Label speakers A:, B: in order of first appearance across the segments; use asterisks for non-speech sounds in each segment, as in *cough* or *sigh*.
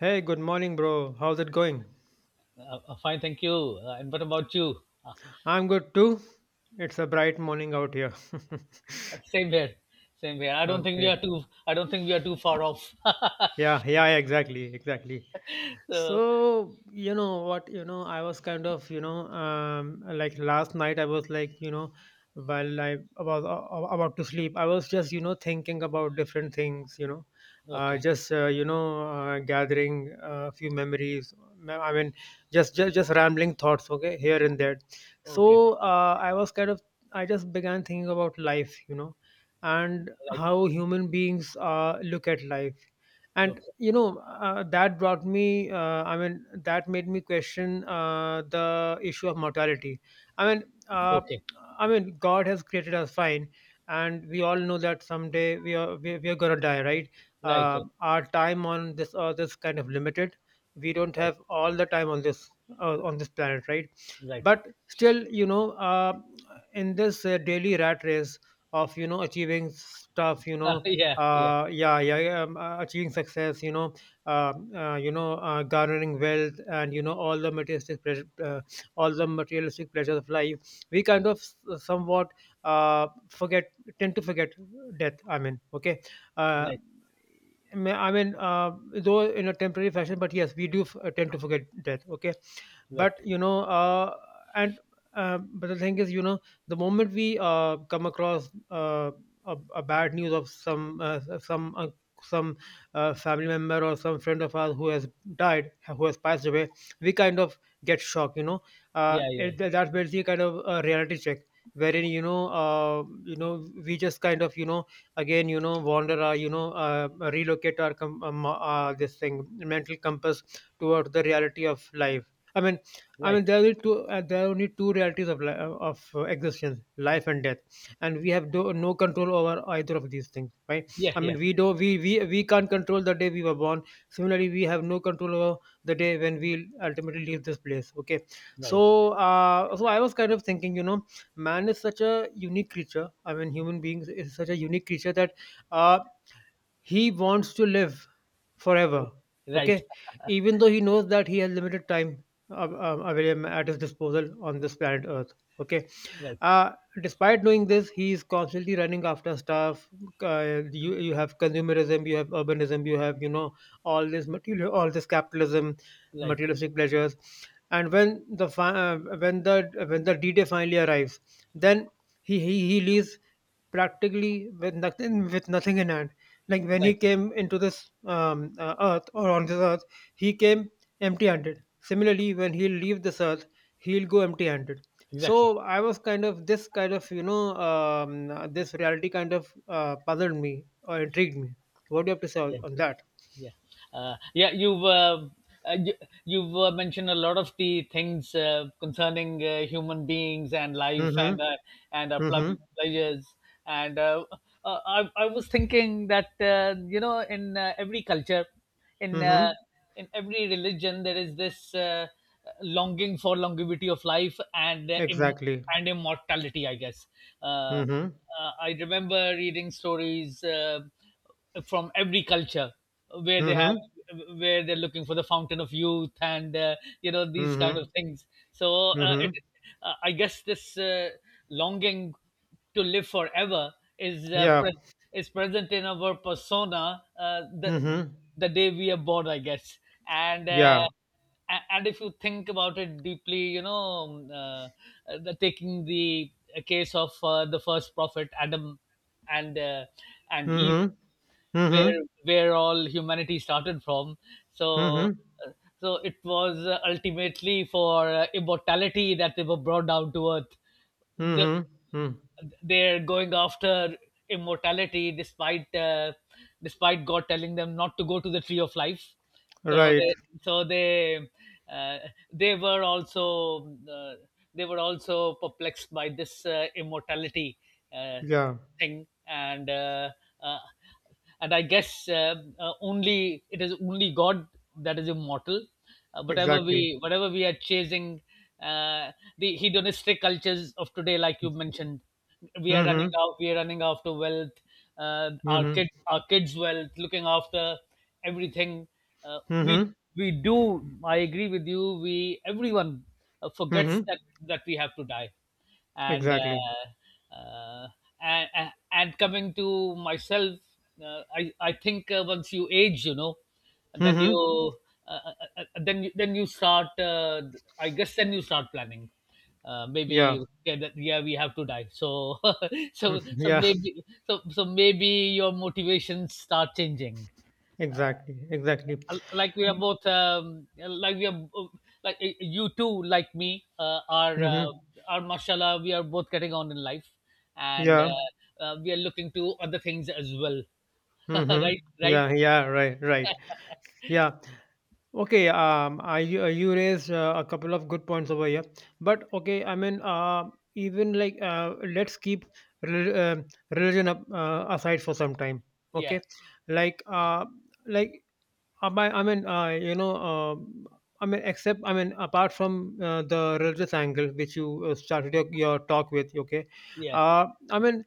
A: Hey, good morning, bro. How's it going?
B: Fine, thank you. And what about you?
A: I'm good too. It's a bright morning out here. *laughs*
B: Same here, same here. I don't think we
A: Okay.
B: are too. I don't think we are too far off.
A: Yeah, yeah, exactly, exactly.
B: *laughs* so,
A: So, you know what, I was kind of, like last night I was like, while I was about to sleep, I was just, thinking about different things,
B: okay,
A: just, gathering a few memories. I mean, just rambling thoughts, okay, here and there.
B: okay,
A: So, I was kind of, I just began thinking about life, and
B: right,
A: how human beings look at life, and
B: okay,
A: that brought me, I mean, that made me question the issue of mortality. i mean uh,
B: okay,
A: i mean God has created us, fine, and we all know that someday we are going to die, right?
B: right,
A: Our time on this earth is kind of limited. We don't
B: right,
A: have all the time on this, on this planet, right?
B: right,
A: But still, in this, daily rat race of, achieving stuff,
B: right. *laughs* Yeah, yeah,
A: yeah, yeah, yeah, achieving success, garnering wealth, and, all the materialistic pleasure, all the materialistic pleasures of life. We kind of, somewhat, forget, tend to forget death. I mean, okay. Uh,
B: right,
A: I mean, I mean, uh, though in a temporary fashion, but yes, we do, tend to forget death. Okay,
B: right,
A: but and but the thing is, the moment we, come across, a bad news of some, family member or some friend of ours who has died, who has passed away. We kind of get shocked.
B: yeah, yeah,
A: That's basically kind of a reality check, wherein, we just kind of, again, wander our, relocate our this thing, mental compass toward the reality of life. i mean i
B: right,
A: mean there are only two there are only two realities of existence, life and death. And we have, no control over either of these things, right?
B: yeah,
A: I
B: yeah,
A: mean, we can't control the day we were born. Similarly, we have no control over the day when we ultimately leave this place. Okay,
B: right,
A: so I was kind of thinking, you know, man is such a unique creature. I mean, human beings is such a unique creature that uh he wants to live forever.
B: right,
A: Okay, even though he knows that he has limited time, available at his disposal on this planet earth. Okay,
B: right,
A: uh, despite doing this, he is constantly running after stuff. You have consumerism, you have urbanism, you have, all this material, all this capitalism,
B: right,
A: materialistic pleasures, and when the fi- when the D day finally arrives, then he leaves practically with nothing, with nothing in hand. Like when he
B: right.
A: came into this, earth, or on this earth, he came empty-handed. Similarly, when he'll leave this earth, he'll go empty-handed.
B: Exactly.
A: So I was kind of, this kind of, this reality kind of, puzzled me, or intrigued me. What do you have to say on,
B: Yeah,
A: that?
B: yeah, yeah, uh, you, you've mentioned a lot of the things concerning human beings and life,
A: Mm-hmm.
B: and our
A: Mm-hmm.
B: pleasures, and I was thinking that, you know, in every culture, in uh,
A: Mm-hmm.
B: in every religion there is this longing for longevity of life and
A: Exactly.
B: and immortality, I guess. uh,
A: Mm-hmm.
B: I remember reading stories from every culture where they have
A: Mm-hmm.
B: where they're looking for the fountain of youth, and, you know, these kind
A: Mm-hmm.
B: of things. So
A: Mm-hmm.
B: it I guess this longing to live forever is
A: Yeah.
B: is present in our persona
A: Mm-hmm.
B: the day we are born, I guess. and uh,
A: Yeah.
B: a- and if you think about it deeply, you know, taking the case of the first prophet Adam and and Eve,
A: Mm-hmm. Mm-hmm.
B: where all humanity started from. so
A: Mm-hmm.
B: uh, so it was ultimately for immortality that they were brought down to earth. the,
A: Mm-hmm. Mm.
B: they're going after immortality despite despite God telling them not to go to the tree of life. so
A: Right.
B: they so they uh, they were also uh, they were also perplexed by this immortality uh,
A: Yeah.
B: thing. And uh, uh, and I guess only it is only God that is immortal.
A: Exactly.
B: Whatever we are chasing, uh, the hedonistic cultures of today, like you mentioned, we are
A: Mm-hmm.
B: running out. We are running after wealth,
A: Mm-hmm.
B: our kids' wealth, looking after everything. Uh, we
A: Mm-hmm.
B: we do. I agree with you. We Everyone
A: Mm-hmm.
B: forgets that we have to die, and
A: Exactly.
B: uh, uh, and coming to myself, I think once you age, you know, then you
A: Mm-hmm.
B: then you start, I guess then you start planning.
A: Yeah.
B: Maybe, okay, yeah, we have to die, so *laughs*
A: *laughs* Yeah.
B: maybe your motivations start changing.
A: Exactly. Exactly.
B: Like we are like You, too, like me,
A: Mm-hmm.
B: are, mashallah, we are both getting on in life, and
A: Yeah.
B: we are looking to other things as well. *laughs*
A: Mm-hmm.
B: Right, right,
A: Yeah. Yeah. Right. Right. Yeah. Okay. You raised a couple of good points over here, but okay. I mean, even like, let's keep rel- uh, religion aside for some time.
B: yeah,
A: Okay. Like, like, I mean, I mean, except, I mean, apart from, the religious angle, which you, started your talk with, okay,
B: yeah,
A: uh, I mean,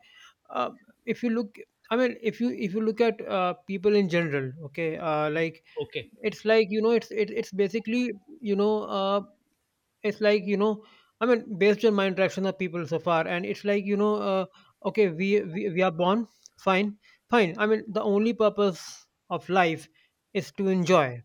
A: uh, if you look, I mean, if you look at, people in general, okay, like
B: okay,
A: it's like, it's basically, you know, uh, it's like, I mean, based on my interaction of people so far, and it's like, okay, we are born, fine, fine. I mean, the only purpose of life is to enjoy,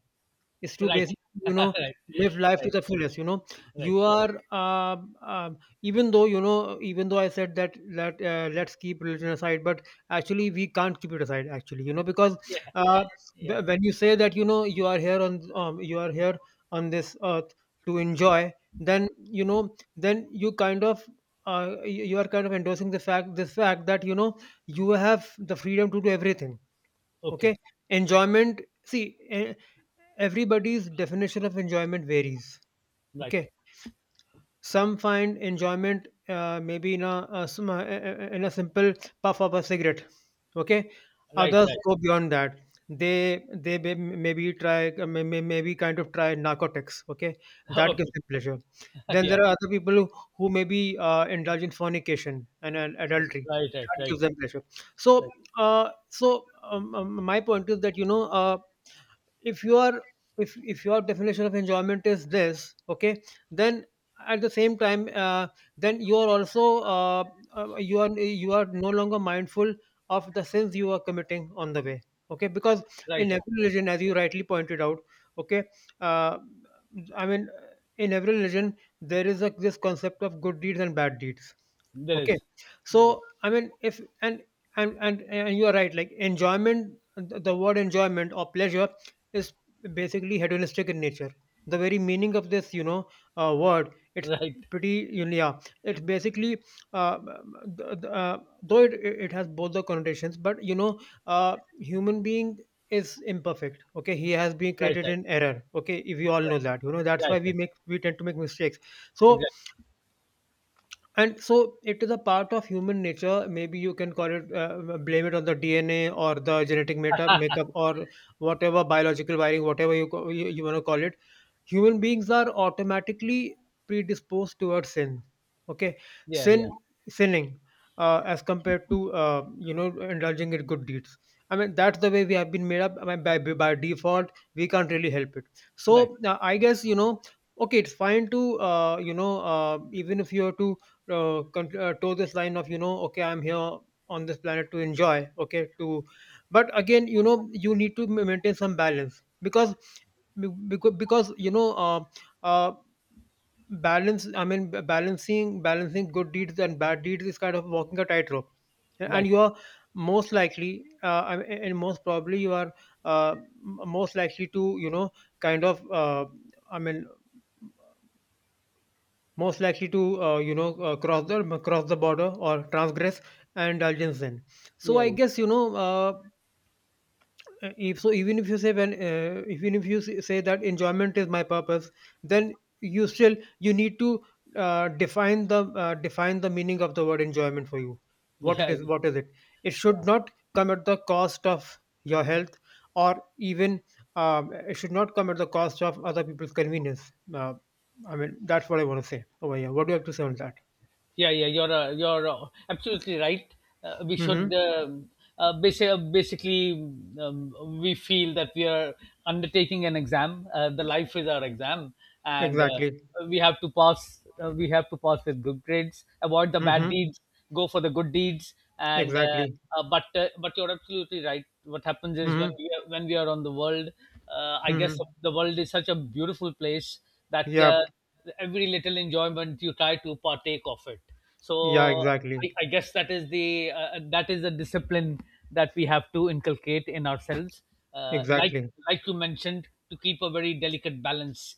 A: is to
B: right.
A: basically,
B: *laughs*
A: you know
B: Right,
A: live life to
B: right,
A: the fullest.
B: right,
A: You are, even though, even though I said that, let's keep religion aside, but actually we can't keep it aside actually, because,
B: yeah,
A: uh,
B: yeah,
A: when you say that, you are here on you are here on this earth to enjoy, then, then you kind of, you are kind of endorsing the fact this fact that, you have the freedom to do everything. Okay.
B: okay,
A: Enjoyment, see, everybody's definition of enjoyment varies. Okay,
B: right,
A: some find enjoyment, maybe in a simple puff of a cigarette. Okay,
B: right,
A: others
B: right.
A: go beyond that. They maybe try, maybe kind of try narcotics. Okay,
B: *laughs*
A: that gives
B: Okay.
A: them pleasure.
B: *laughs*
A: Then
B: Yeah,
A: there are other people who maybe, indulge in fornication, and adultery.
B: right, right,
A: That
B: right,
A: gives them pleasure.
B: right,
A: So, my point is that. If your if your definition of enjoyment is this, okay, then, at the same time then you are also, you are no longer mindful of the sins you are committing on the way, okay, because
B: right,
A: in
B: right.
A: every religion, as you rightly pointed out, okay, uh, I mean, in every religion there is this concept of good deeds and bad deeds.
B: There
A: Okay,
B: is, there is.
A: so I mean if and and you are right, like enjoyment, the word enjoyment or pleasure is basically hedonistic in nature. The very meaning of this, word, it's
B: Right,
A: pretty, yeah, it's basically, uh, th- th- uh, though it has both the connotations, but, human being is imperfect. Okay, he has been
B: right,
A: created
B: right,
A: in error. Okay, if you all know
B: right,
A: that, you know, that's why
B: right, right.
A: we tend to make mistakes. So
B: Exactly.
A: and so it is a part of human nature. Maybe you can call it, blame it on the dna, or the genetic, makeup, or whatever, biological wiring, whatever you want to call it. Human beings are automatically predisposed towards sin. Okay,
B: Yeah, yeah,
A: sin, sinning, as compared to, indulging in good deeds. I mean, that's the way we have been made up. I mean, by default we can't really help it.
B: right.
A: So, I guess, okay, it's fine to, even if you have to, toe this line of, okay, I'm here on this planet to enjoy, okay, to, but again, you need to maintain some balance, because, because, because you know uh, uh, balance, I mean, balancing good deeds and bad deeds is kind of walking a tightrope, and
B: Right.
A: you are most likely, I mean, and most probably you are, most likely to, kind of, I mean, most likely to, cross the border, or transgress, and indulge in. So
B: Yeah.
A: I
B: Yeah.
A: guess, if so, even if you say, when even if you, say that enjoyment is my purpose, then you still, you need to, define the meaning of the word enjoyment for you. What it
B: Yeah.
A: is.
B: Yeah.
A: What is it? It should not come at the cost of your health, or even, it should not come at the cost of other people's convenience. I mean, that's what I want to say over here. What do you have to say on that?
B: Yeah, yeah. You're absolutely right. We should,
A: Mm-hmm.
B: basically, we feel that we are undertaking an exam. The life is our exam, and
A: Exactly.
B: we have to pass. We have to pass with good grades. Avoid the bad
A: Mm-hmm.
B: deeds. Go for the good deeds. And
A: Exactly.
B: but you're absolutely right. What happens is when
A: Mm-hmm.
B: when we are on the world, I guess
A: Mm-hmm.
B: the world is such a beautiful place that
A: Yeah.
B: every little enjoyment you try to partake of it.
A: Yeah.
B: So,
A: Exactly.
B: I guess that is the discipline that we have to inculcate in ourselves. Uh, like
A: Exactly.
B: like you mentioned, to keep a very delicate balance,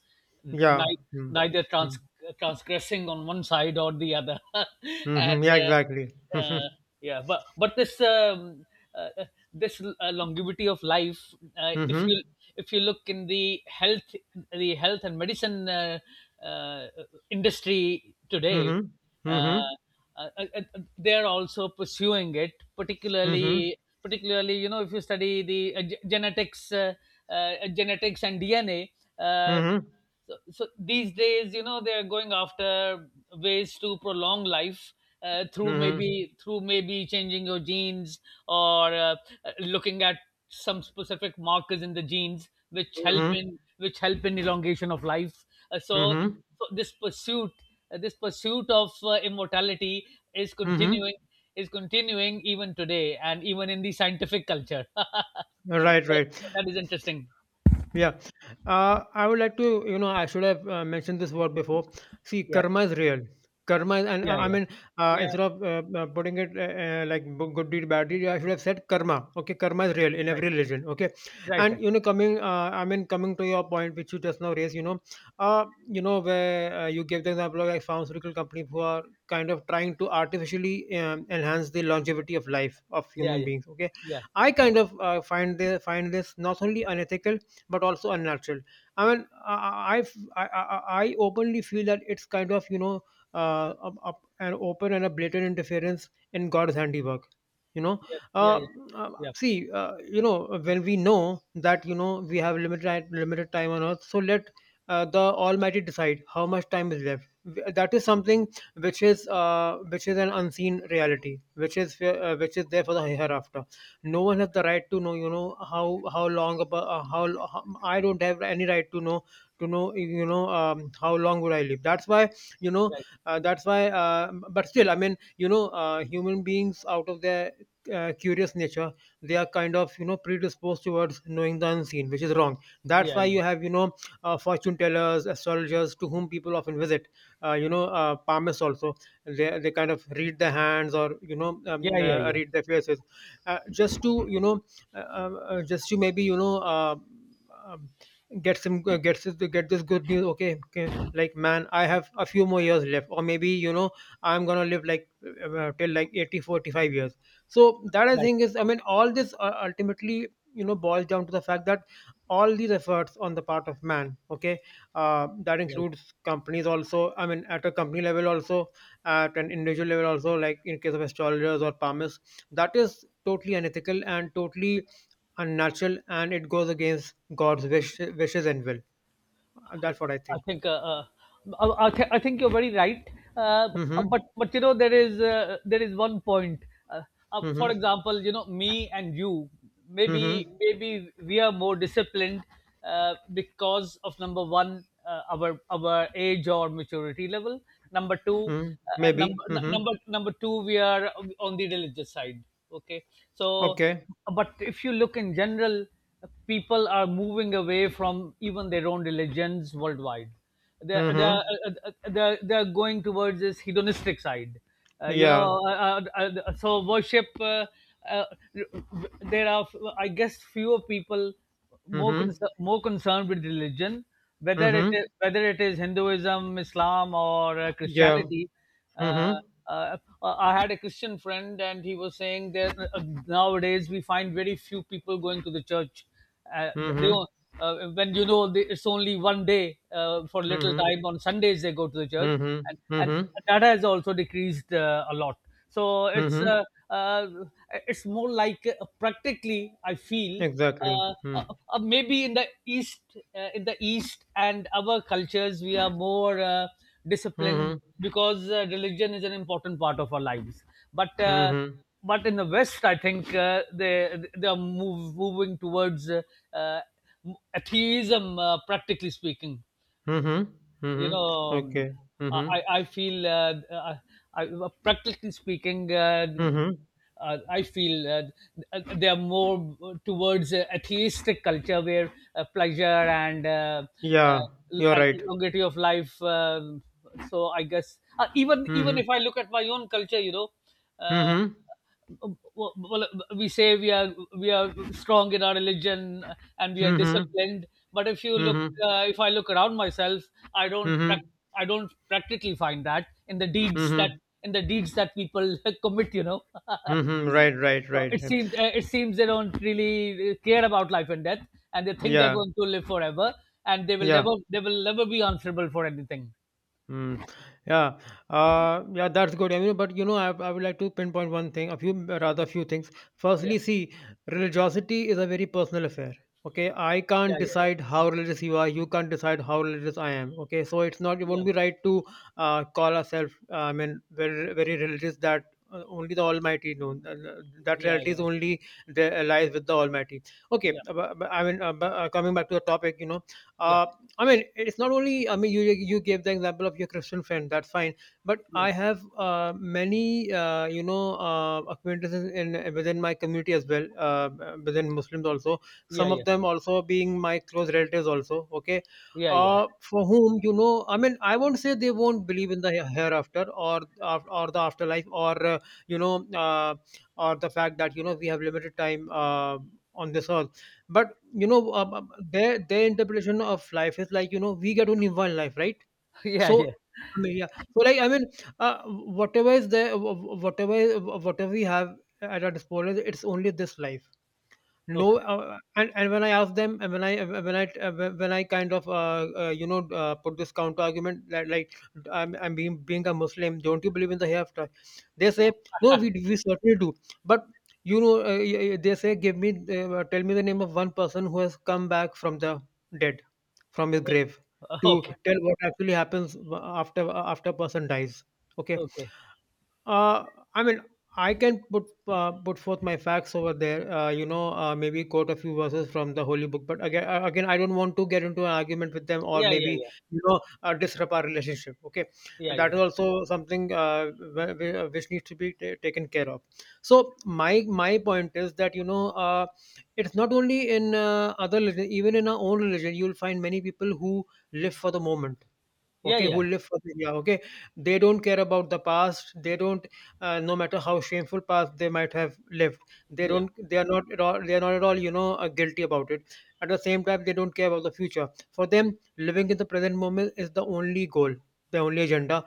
A: Yeah.
B: ni-
A: Mm.
B: neither
A: Mm.
B: transgressing on one side or the other. *laughs* and.
A: Mhm. Yeah, exactly.
B: Uh, yeah, but this, uh, uh, this longevity of life,
A: Mhm.
B: if you look in the health and medicine uh, industry today,
A: Mhm.
B: uh,
A: Mhm.
B: they are also pursuing it,
A: Mhm.
B: particularly, you know, if you study the genetics, genetics and DNA. uh,
A: Mhm.
B: so, so these days, you know, they're going after ways to prolong life, through
A: Mhm.
B: maybe, changing your genes, or looking at some specific markers in the genes which help
A: Mhm.
B: in, elongation of life. Uh, so,
A: Mhm. Mhm.
B: so this pursuit, of immortality is
A: Mhm.
B: continuing, even today and even in the scientific culture. *laughs*
A: Right,
B: so,
A: right.
B: so that is interesting.
A: Yeah. I would like to, I should have, mentioned this word before. See,
B: Yeah,
A: karma is real. Karma, is, and
B: yeah,
A: I
B: yeah,
A: mean,
B: yeah,
A: instead of, putting it, like, good deed, bad deed, I should have said karma. Okay, karma is real in
B: right.
A: every religion. Okay,
B: Right, right.
A: and, coming, I mean, coming to your point, which you just now raised, where, you gave the example of, like, pharmaceutical companies who are kind of trying to artificially, enhance the longevity of life of
B: Yeah,
A: human
B: yeah,
A: beings. Okay,
B: yeah,
A: I kind of find find this not only unethical but also unnatural. I mean, I, I openly feel that it's kind of, you know, an open and a blatant interference in God's handiwork. You know,
B: yeah, yeah,
A: uh,
B: yeah, yeah,
A: see, you know, when we know that, you know, we have limited time on earth, so let the Almighty decide how much time is left. That is something which is an unseen reality, which is there for the hereafter. No one has the right to know, you know, how long about how, I don't have any right to know, you know, how long would I live. That's why, you know,
B: right.
A: that's why but still, I mean, you know, human beings, out of their curious nature, they are kind of, you know, predisposed towards knowing the unseen, which is wrong. That's
B: Yeah,
A: why you
B: yeah,
A: have, you know, fortune tellers, astrologers, to whom people often visit, you know, palmists also. They kind of read the hands, or you know,
B: yeah, yeah, yeah.
A: read the faces, just to you know, just to maybe, you know, um, get some get this good news. Okay, like, man, I have a few more years left, or maybe, you know, I'm gonna live like till like 80 45 years. So that, I
B: Right,
A: think, is, I mean, all this ultimately, you know, boils down to the fact that all these efforts on the part of man, okay, that
B: right.
A: includes companies also, I mean, at a company level also, at an individual level also, like in case of astrologers or palmists, that is totally unethical and totally unnatural, and it goes against God's wishes and will.
B: I,
A: That's what I
B: I
A: think.
B: think, I think you're very right. Uh,
A: Mm-hmm.
B: but you know, there is one point. Uh, for
A: Mm-hmm.
B: example, you know, me and you,
A: Mm-hmm.
B: maybe we are more disciplined, because of number one, our age or maturity level. Number two,
A: Mm-hmm. Maybe. Mm-hmm.
B: we are on the religious side. Okay. So,
A: Okay.
B: but if you look in general, people are moving away from even their own religions worldwide.
A: Mm-hmm.
B: They're going towards this hedonistic side, you know.
A: Yeah.
B: So worship, uh, there are, I guess, fewer people
A: Mm-hmm.
B: more concerned with religion,
A: Mm-hmm.
B: whether it is Hinduism, Islam, or
A: Yeah.
B: Christianity. uh,
A: Mm-hmm.
B: I had a Christian friend, and he was saying that, nowadays, we find very few people going to the church. They
A: Mm-hmm.
B: don't- When you know, it's only one day, for little
A: Mm-hmm.
B: time on Sundays, they go to the church, and
A: Mm-hmm.
B: and
A: Mm-hmm.
B: that has also decreased a lot. So it's,
A: Mm-hmm.
B: uh, more like, practically I feel,
A: Exactly.
B: uh,
A: Mm-hmm.
B: uh, maybe in the east, in the east and our cultures we are more disciplined
A: Mm-hmm.
B: because religion is an important part of our lives, but uh,
A: Mm-hmm.
B: but in the west, I think, they moving towards uh, atheism, practically speaking.
A: Mm-hmm.
B: You
A: Mm-hmm.
B: know,
A: Okay.
B: uh,
A: Mm-hmm.
B: i i feel uh, uh, practically speaking,
A: Mm-hmm.
B: I feel they are more towards a atheistic culture where, pleasure and,
A: Yeah.
B: uh,
A: You're right.
B: longevity of life, so I guess, even
A: Mm-hmm.
B: if I look at my own culture, you know. uh,
A: Mm-hmm.
B: well, we say we are strong in our religion, and we are
A: Mhm.
B: disciplined. But if you look,
A: Mhm.
B: if I look around myself, i don't
A: Mhm.
B: prac- I don't practically find that in the deeds that,
A: Mhm.
B: people *laughs* commit, you know. *laughs*
A: Mhm. Right, right,
B: So it
A: right.
B: seems, they don't really care about life and death, and they think they're
A: Yeah.
B: going to live forever, and
A: Yeah.
B: they will never be answerable for anything.
A: Hmm. Yeah. Yeah, that's good. I mean, but you know, I would like to pinpoint one thing, a few, rather a few things.
B: Yeah,
A: Firstly, see, religiosity is a very personal affair. Okay. I
B: yeah,
A: can't
B: yeah, yeah,
A: decide how religious you are. You can't decide how religious I am. Okay. So it won't
B: yeah,
A: be right to call ourselves, I mean, very, very religious. That only the Almighty knows. That
B: yeah,
A: reality is
B: yeah,
A: only there, lies with the Almighty. Okay.
B: yeah,
A: But I mean, coming back to the topic, you know,
B: yeah,
A: uh, I mean, it's not only. I mean, you gave the example of your Christian friend. That's fine, but
B: yeah,
A: I have many, you know, acquaintances in within my community as well, within Muslims also.
B: yeah,
A: Some of
B: yeah.
A: them also being my close relatives also. Okay,
B: Yeah, yeah,
A: for whom, you know, I mean, I won't say they won't believe in the hereafter, or the afterlife, or you know, or the fact that, you know, we have limited time on this earth, but you know, their interpretation of life is like, you know, we get only one life, right?
B: *laughs* yeah,
A: So,
B: yeah.
A: I mean, yeah, so like, I mean, whatever is there, whatever we have at our disposal, it's only this life. No
B: Okay,
A: and when I ask them, and when I when I kind of you know, put this counter argument that, like, I'm being a Muslim, don't you believe in the hereafter? They say, no, we certainly do, but you know, they say, give me, tell me the name of one person who has come back from the dead, from his grave,
B: *laughs*
A: to
B: okay,
A: tell what actually happens after a person dies. Okay.
B: okay.
A: uh, I mean, I can put forth my facts over there. You know, maybe quote a few verses from the holy book. But again, again, I don't want to get into an argument with them, or
B: Yeah, yeah,
A: maybe,
B: yeah,
A: you know, disrupt our relationship. Okay,
B: yeah, yeah,
A: that is also something which needs to be ta taken care of. So my point is that, you know, it's not only in other religion, even in our own religion, you'll find many people who live for the moment.
B: yeah,
A: Okay,
B: yeah,
A: who
B: yeah.
A: live for the, yeah, okay, they don't care about the past. They don't, no matter how shameful past they might have lived, they
B: Yeah.
A: don't, they are not at all, you know, guilty about it. At the same time, they don't care about the future. For them, living in the present moment is the only goal, the only agenda.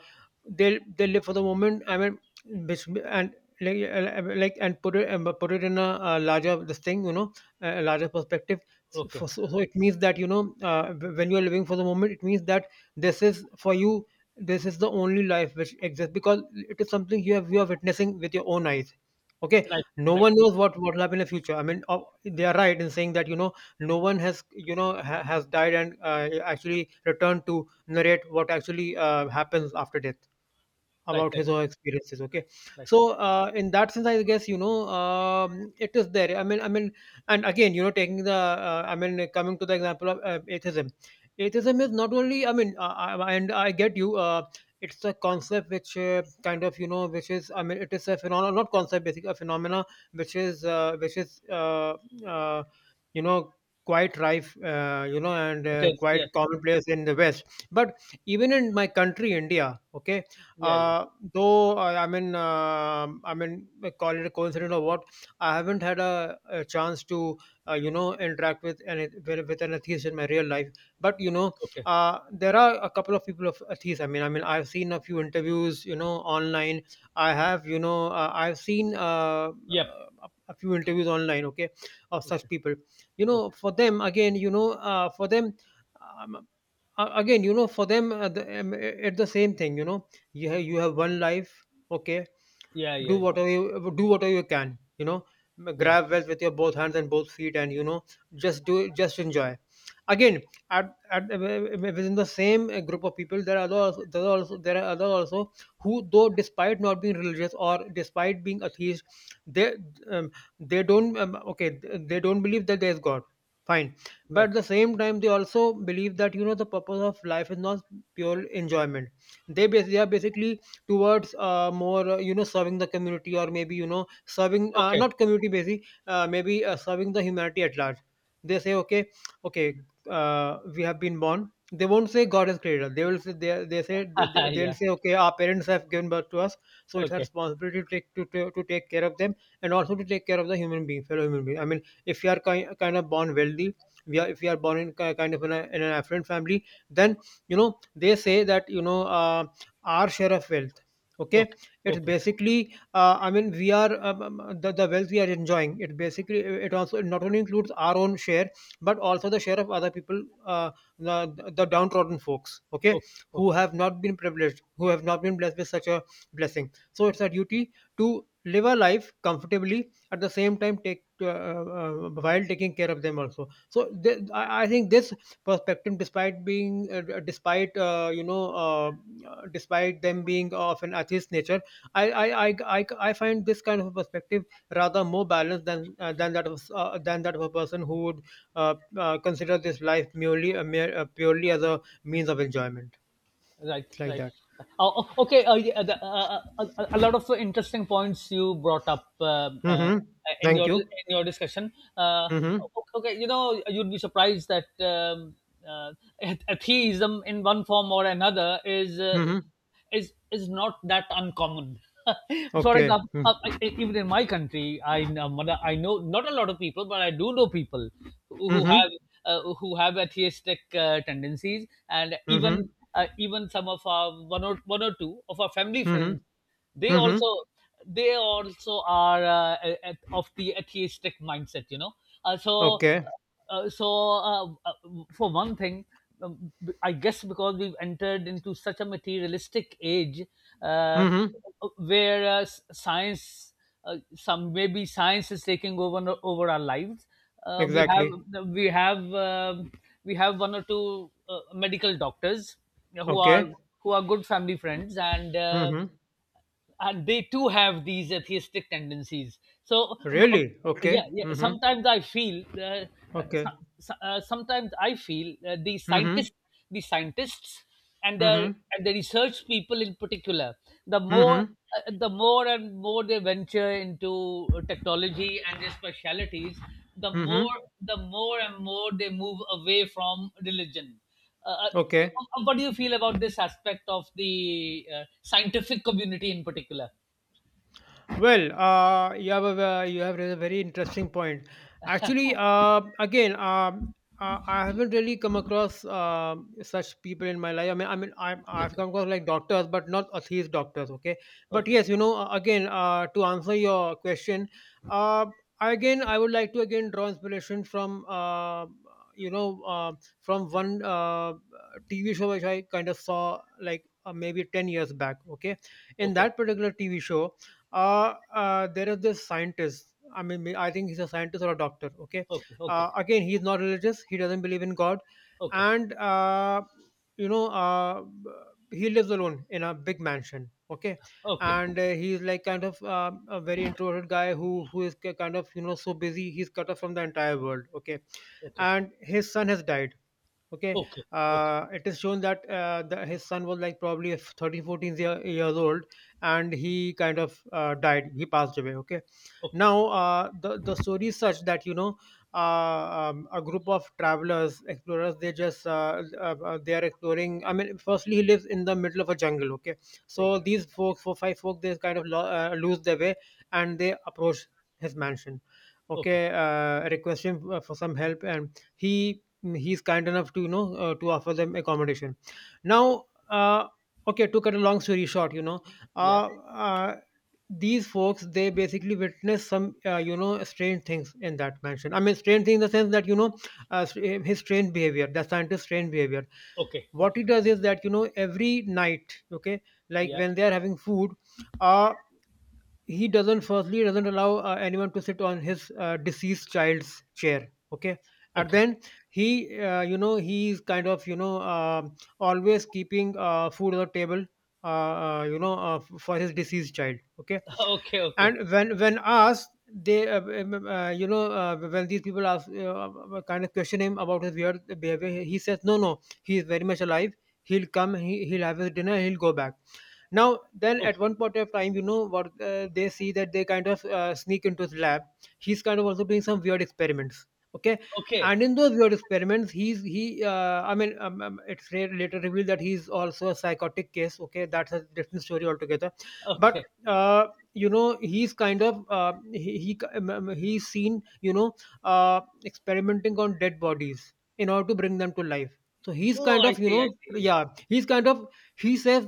A: They live for the moment. I mean, bas- and like and put it, put it in a, uh, larger this thing, you know, a larger perspective. So,
B: Okay,
A: it means that, you know, when you are living for the moment, it means that this is for you. This is the only life which exists, because it is something you have, you are witnessing with your own eyes. Okay,
B: right,
A: no
B: right,
A: one knows what will happen in the future. I mean, they are right in saying that, you know, no one has, you know, has died and actually returned to narrate what actually happens after death,
B: right,
A: about
B: right,
A: his or experiences. Okay,
B: right, right.
A: so in that sense, I guess, you know, it is there. I mean, and again, you know, taking the I mean, coming to the example of atheism. Atheism is not only, I mean, and I get you. It's a concept which, kind of, you know, which is, I mean, it is a phenomena, not concept, basically a phenomena, which is uh, you know, quite rife, you know, and
B: It is. Yeah,
A: quite commonplace in the west, but even in my country, India. Okay,
B: yeah, yeah.
A: uh, though I mean, call it a coincidence or what, I haven't had a chance to you know, interact with an, with an atheist in my real life. But you know,
B: Okay.
A: there are a couple of people of atheists. I mean, I've seen a few interviews, you know, online. I have, you know, I've seen
B: Yep.
A: a few interviews online, okay, of such
B: Okay.
A: people. You
B: Okay.
A: know, for them, again, you know, for them. Um, Again, you know, for them, it's the same thing, you know, you have, you have one life. Okay,
B: Yeah,
A: do
B: yeah, yeah,
A: whatever, you do whatever you can, you know,
B: yeah.
A: grab wealth with your both hands and both feet, and you know, just do, just enjoy. Again, at within the same group of people, there are also, there are others also, who, though despite not being religious or despite being atheist, they um, they don't, okay, they don't believe that there is god. Fine, but
B: Right.
A: at the same time, they also believe that, you know, the purpose of life is not pure enjoyment. They they are basically towards more, you know, serving the community, or maybe, you know, serving
B: Okay.
A: not community, basically maybe serving the humanity at large. They say, okay, okay, we have been born. They won't say god has created us. They will say,
B: *laughs*
A: they'll
B: Yeah.
A: say, okay, our parents have given birth to us, so it's our
B: Okay.
A: responsibility to to take care of them, and also to take care of the human being fellow human being. I mean, if you are kind of born wealthy, we are if you are born in kind of in an affluent family, then, you know, they say that, you know, our share of wealth, okay,
B: Okay.
A: it's
B: Okay.
A: basically, I mean, we are the wealth we are enjoying, it basically, it also, it not only includes our own share, but also the share of other people, the downtrodden folks, okay,
B: Okay.
A: who
B: Okay.
A: have not been privileged, who have not been blessed with such a blessing. So it's our duty to live our life comfortably, at the same time, take while taking care of them also. So I think this perspective, despite being despite you know, despite them being of an atheist nature, I, I i I find this kind of a perspective rather more balanced than that of a person who would uh, consider this life purely as a means of enjoyment.
B: Right,
A: It's like
B: right.
A: that.
B: Okay. Yeah, the, a lot of interesting points you brought up,
A: Mm-hmm. Thank you.
B: in your discussion.
A: Mm-hmm.
B: Okay, you know, you'd be surprised that, uh, *laughs* atheism, in one form or another, is,
A: Mm-hmm.
B: not that uncommon. *laughs* For
A: Okay.
B: example,
A: Mm-hmm.
B: even in my country, I know, not a lot of people, but I do know people who who
A: Mm-hmm.
B: have who have atheistic tendencies, and
A: Mm-hmm.
B: even, some of our one or two of our family friends,
A: Mm-hmm.
B: they also
A: Mm-hmm.
B: they also are, of the atheistic mindset. You know. uh, so
A: Okay.
B: uh, so, uh, uh, for one thing, I guess because we've entered into such a materialistic age, uh,
A: Mm-hmm.
B: where, science, some maybe science is taking over, over our lives. Uh, we
A: Exactly.
B: have we have um we have one or two medical doctors who are
A: Okay.
B: who are good family friends,
A: Mm-hmm.
B: And they too have these atheistic tendencies, so,
A: Really?
B: yeah,
A: Okay.
B: yeah,
A: Mhm.
B: sometimes I feel,
A: Okay.
B: the
A: Mhm.
B: scientists, the scientists and
A: Mhm.
B: the research people in particular, the more
A: Mhm.
B: the more and more they venture into technology and their specialities,
A: Mhm.
B: the more and more they move away from religion.
A: Okay.
B: What do you feel about this aspect of the scientific community in particular?
A: Well, you have a you have raised a very interesting point. Actually, again, I haven't really come across such people in my life. I mean, I've
B: Okay,
A: come across, like, doctors, but not atheist doctors. Okay, but
B: okay,
A: yes, again, to answer your question, uh, again, I would like to again draw inspiration from you know uh, from one TV show, which I kind of saw, like, maybe 10 years back. Okay, in
B: okay,
A: that particular TV show, there is this scientist. I mean, I think he's a scientist or a doctor. Okay.
B: okay, okay,
A: Again, he's not religious. He doesn't believe in God.
B: okay,
A: And you know, uh, he lives alone in a big mansion. Okay,
B: okay,
A: and
B: okay,
A: he's, like, kind of a very introverted guy who is kind of, so busy he's cut off from the entire world. Okay,
B: okay,
A: and his son has died. Okay,
B: okay, okay,
A: it is shown that his son was, like, probably 13 thirteen, 14 year, years old, and he kind of died. He passed away. Okay. Now, the story is such that a group of travelers, explorers, they just they are exploring. I mean, firstly, he lives in the middle of a jungle. Okay, so
B: okay,
A: these folks, four five folk, they kind of lose their way, and they approach his mansion. Okay,
B: okay,
A: request him for some help, and he, he's kind enough to, to offer them accommodation.
B: okay,
A: Now, okay, to cut a long story short,
B: yeah,
A: uh, uh, these folks, they basically witness some strange things in that mansion. I mean, strange things in the sense that his strange behavior, the scientist's strange behavior.
B: okay,
A: What he does is that, every night, okay, like
B: yeah,
A: when they are having food, uh he doesn't, firstly, doesn't allow anyone to sit on his deceased child's chair. Okay, and
B: okay,
A: then he's kind of always keeping food on the table, uh, for his deceased child. Okay.
B: *laughs* okay, okay,
A: And when asked, they, when these people ask, kind of question him about his weird behavior, he says no, no, he is very much alive. He'll come. He'll have his dinner, he'll go back. Now, then at
B: okay,
A: one point of time, you know what they see that they kind of sneak into his lab. He's kind of also doing some weird experiments. Okay,
B: okay,
A: and in those weird experiments, he's he I mean, later revealed that he's also a psychotic case. Okay, that's a different story altogether. But
B: okay.
A: uh, he's kind of, he's seen experimenting on dead bodies in order to bring them to life. So he's
B: Oh,
A: kind
B: I
A: of,
B: see, I see.
A: yeah, he's kind of he says,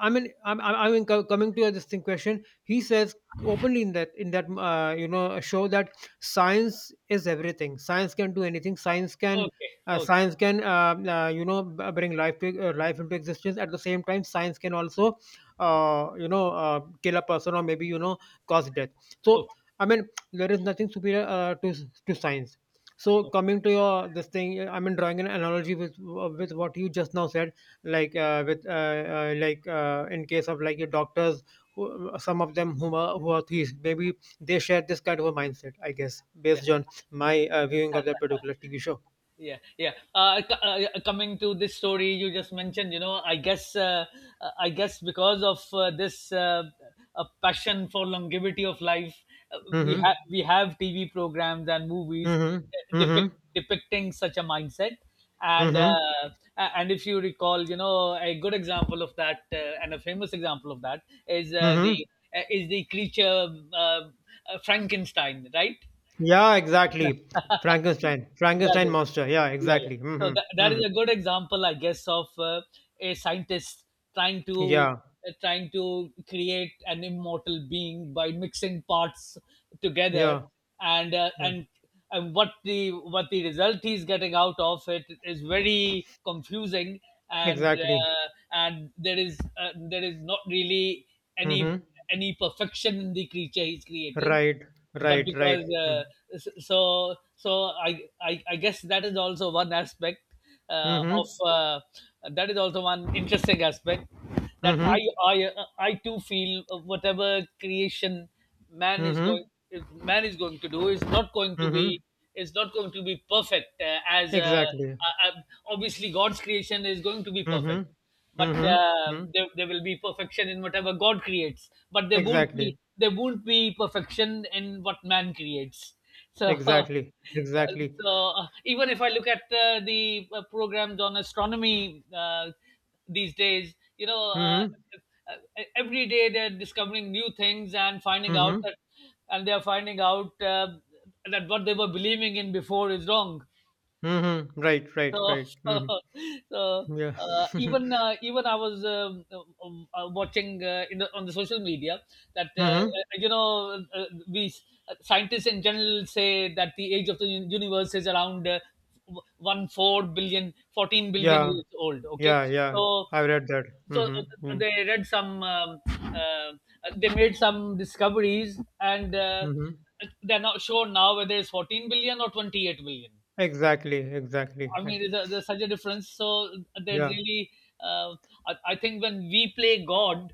A: I mean, I mean, coming to this thing question, he says openly in that, in that show, that science is everything. Science can do anything. Science can,
B: Okay, okay,
A: bring life to, life into existence. At the same time, science can also kill a person, or maybe cause death. So,
B: okay,
A: I mean, there is nothing superior to science. So
B: okay,
A: coming to your this thing, I mean, drawing an analogy with what you just now said, like with like in case of, like, your doctors, who, some of them, who are thieves maybe, they share this kind of a mindset, I guess,
B: yeah.
A: based on my viewing of that particular TV show.
B: Yeah, yeah. Yeah, coming to this story you just mentioned, I guess because of this a passion for longevity of life, we
A: Mm-hmm.
B: have we have TV programs and movies
A: Mm-hmm.
B: uh, depict-
A: Mm-hmm.
B: depicting such a mindset. And
A: Mm-hmm.
B: and if you recall, you know, a good example of that and a famous example of that is
A: Mm-hmm.
B: the is the creature Frankenstein, right?
A: Yeah, exactly.
B: *laughs* That
A: Frankenstein, Frankenstein
B: is,
A: monster, yeah,
B: yeah, yeah,
A: exactly.
B: so
A: Mm-hmm.
B: that is
A: Mm-hmm.
B: a good example I guess of a scientist trying to
A: Yeah,
B: trying to create an immortal being by mixing parts together,
A: yeah,
B: and uh,
A: yeah,
B: and and what the result he's getting out of it is very confusing, and
A: exactly.
B: uh, and there is not really any
A: Mm-hmm.
B: any perfection in the creature he's created.
A: Right,
B: But
A: right, right.
B: because
A: Mm-hmm.
B: I guess that is also one aspect
A: Mm-hmm.
B: of that is also one interesting aspect that
A: Mm-hmm.
B: I too feel whatever creation man is going
A: Mm-hmm.
B: if man is going to do is not going to
A: Mm-hmm.
B: be, is not going to be perfect, as
A: Exactly.
B: obviously God's creation is going to be perfect.
A: Mhm.
B: But
A: Mhm. Mhm.
B: there will be perfection in whatever God creates, but there won't
A: Exactly.
B: be, there won't be perfection in what man creates. So *laughs*
A: Exactly. Exactly.
B: so even if I look at the programs on astronomy these days, you know,
A: Mhm.
B: every day they're discovering new things and finding out
A: Mhm.
B: that, and they're finding out that what they were believing in before is wrong.
A: Mhm. Right. Right.
B: So
A: Right.
B: *laughs*
A: Mhm.
B: so
A: Yeah. *laughs*
B: even I was watching in the, on the social media that
A: Mhm.
B: you know we scientists in general say that the age of the universe is around one four billion, fourteen billion
A: Yeah.
B: years old. Okay,
A: Yeah. Yeah.
B: so
A: I read that.
B: so
A: Mhm. Mhm.
B: they read some they made some discoveries, and
A: Mhm.
B: they're not sure now whether it's 14 billion or 28 billion.
A: Exactly. Exactly.
B: I
A: Eh,
B: mean, there's, there's such a difference. So there's
A: yeah.
B: really, uh, I think when we play God,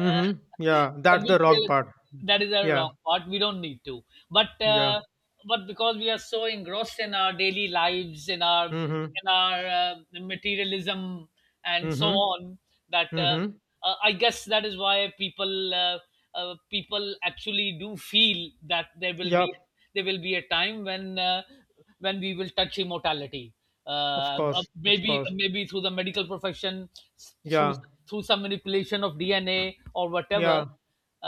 B: uh, *laughs*
A: Yeah.
B: when
A: That's
B: we
A: the wrong
B: play,
A: part.
B: that is a
A: Yeah.
B: wrong part. We don't need to, but
A: Yeah.
B: uh, but because we are so engrossed in our daily lives, in our
A: Mhm.
B: in our uh, materialism and so
A: Mhm.
B: on, that
A: Mhm.
B: I guess that is why people people actually do feel that there will
A: Yeah.
B: be, there will be a time when. When we will touch immortality.
A: Of course. Of
B: Maybe
A: course.
B: maybe through the medical profession, through
A: Yeah.
B: through some manipulation of DNA or whatever.
A: Yeah.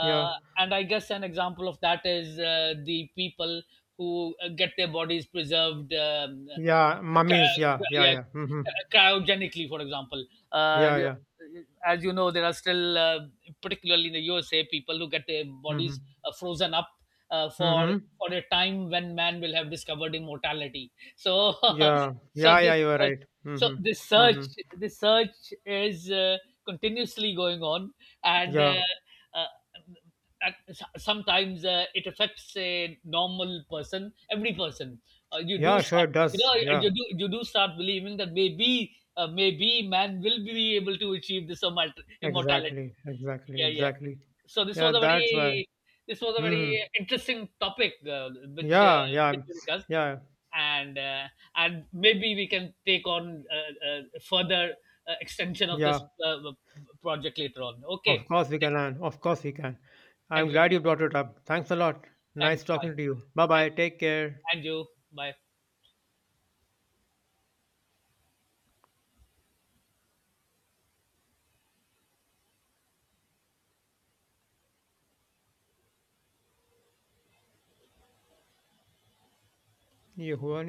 A: Yeah.
B: and I guess an example of that is the people who get their bodies preserved,
A: Yeah. Mummies. Yeah. Yeah.
B: yeah,
A: Yeah. Mhm.
B: cryogenically, for example. Uh,
A: Yeah. Yeah.
B: as you know, there are still, particularly in the USA, people who get their bodies
A: Mhm.
B: frozen up uh, for
A: Mhm.
B: for a time when man will have discovered immortality. So
A: Yeah.
B: *laughs* so
A: Yeah, yeah,
B: this
A: you are
B: search,
A: right.
B: so
A: Mhm. Mhm.
B: this search is continuously going on, and
A: Yeah.
B: uh, at, sometimes it affects a normal person, every person. You do
A: Yeah, sure
B: start,
A: it
B: you
A: does.
B: know,
A: Yeah.
B: you do start believing that maybe maybe man will be able to achieve this
A: Exactly.
B: immortality.
A: Exactly.
B: Yeah, yeah.
A: Exactly.
B: So this
A: Yeah,
B: was a
A: that's why.
B: very, this was a very
A: Hmm.
B: interesting topic which uh,
A: Yeah, yeah,
B: which we discussed,
A: yeah,
B: and uh, and maybe we can take on further extension of this
A: yeah.
B: project later on. Okay,
A: Of course we
B: thank
A: can,
B: you,
A: Ann. Of course we can. I'm
B: thank you very
A: glad you
B: much.
A: brought it up. Thanks a lot. Nice
B: Thanks,
A: talking
B: bye,
A: to you. Bye
B: and
A: bye.
B: you,
A: Take care.
B: and you, bye.
A: You who are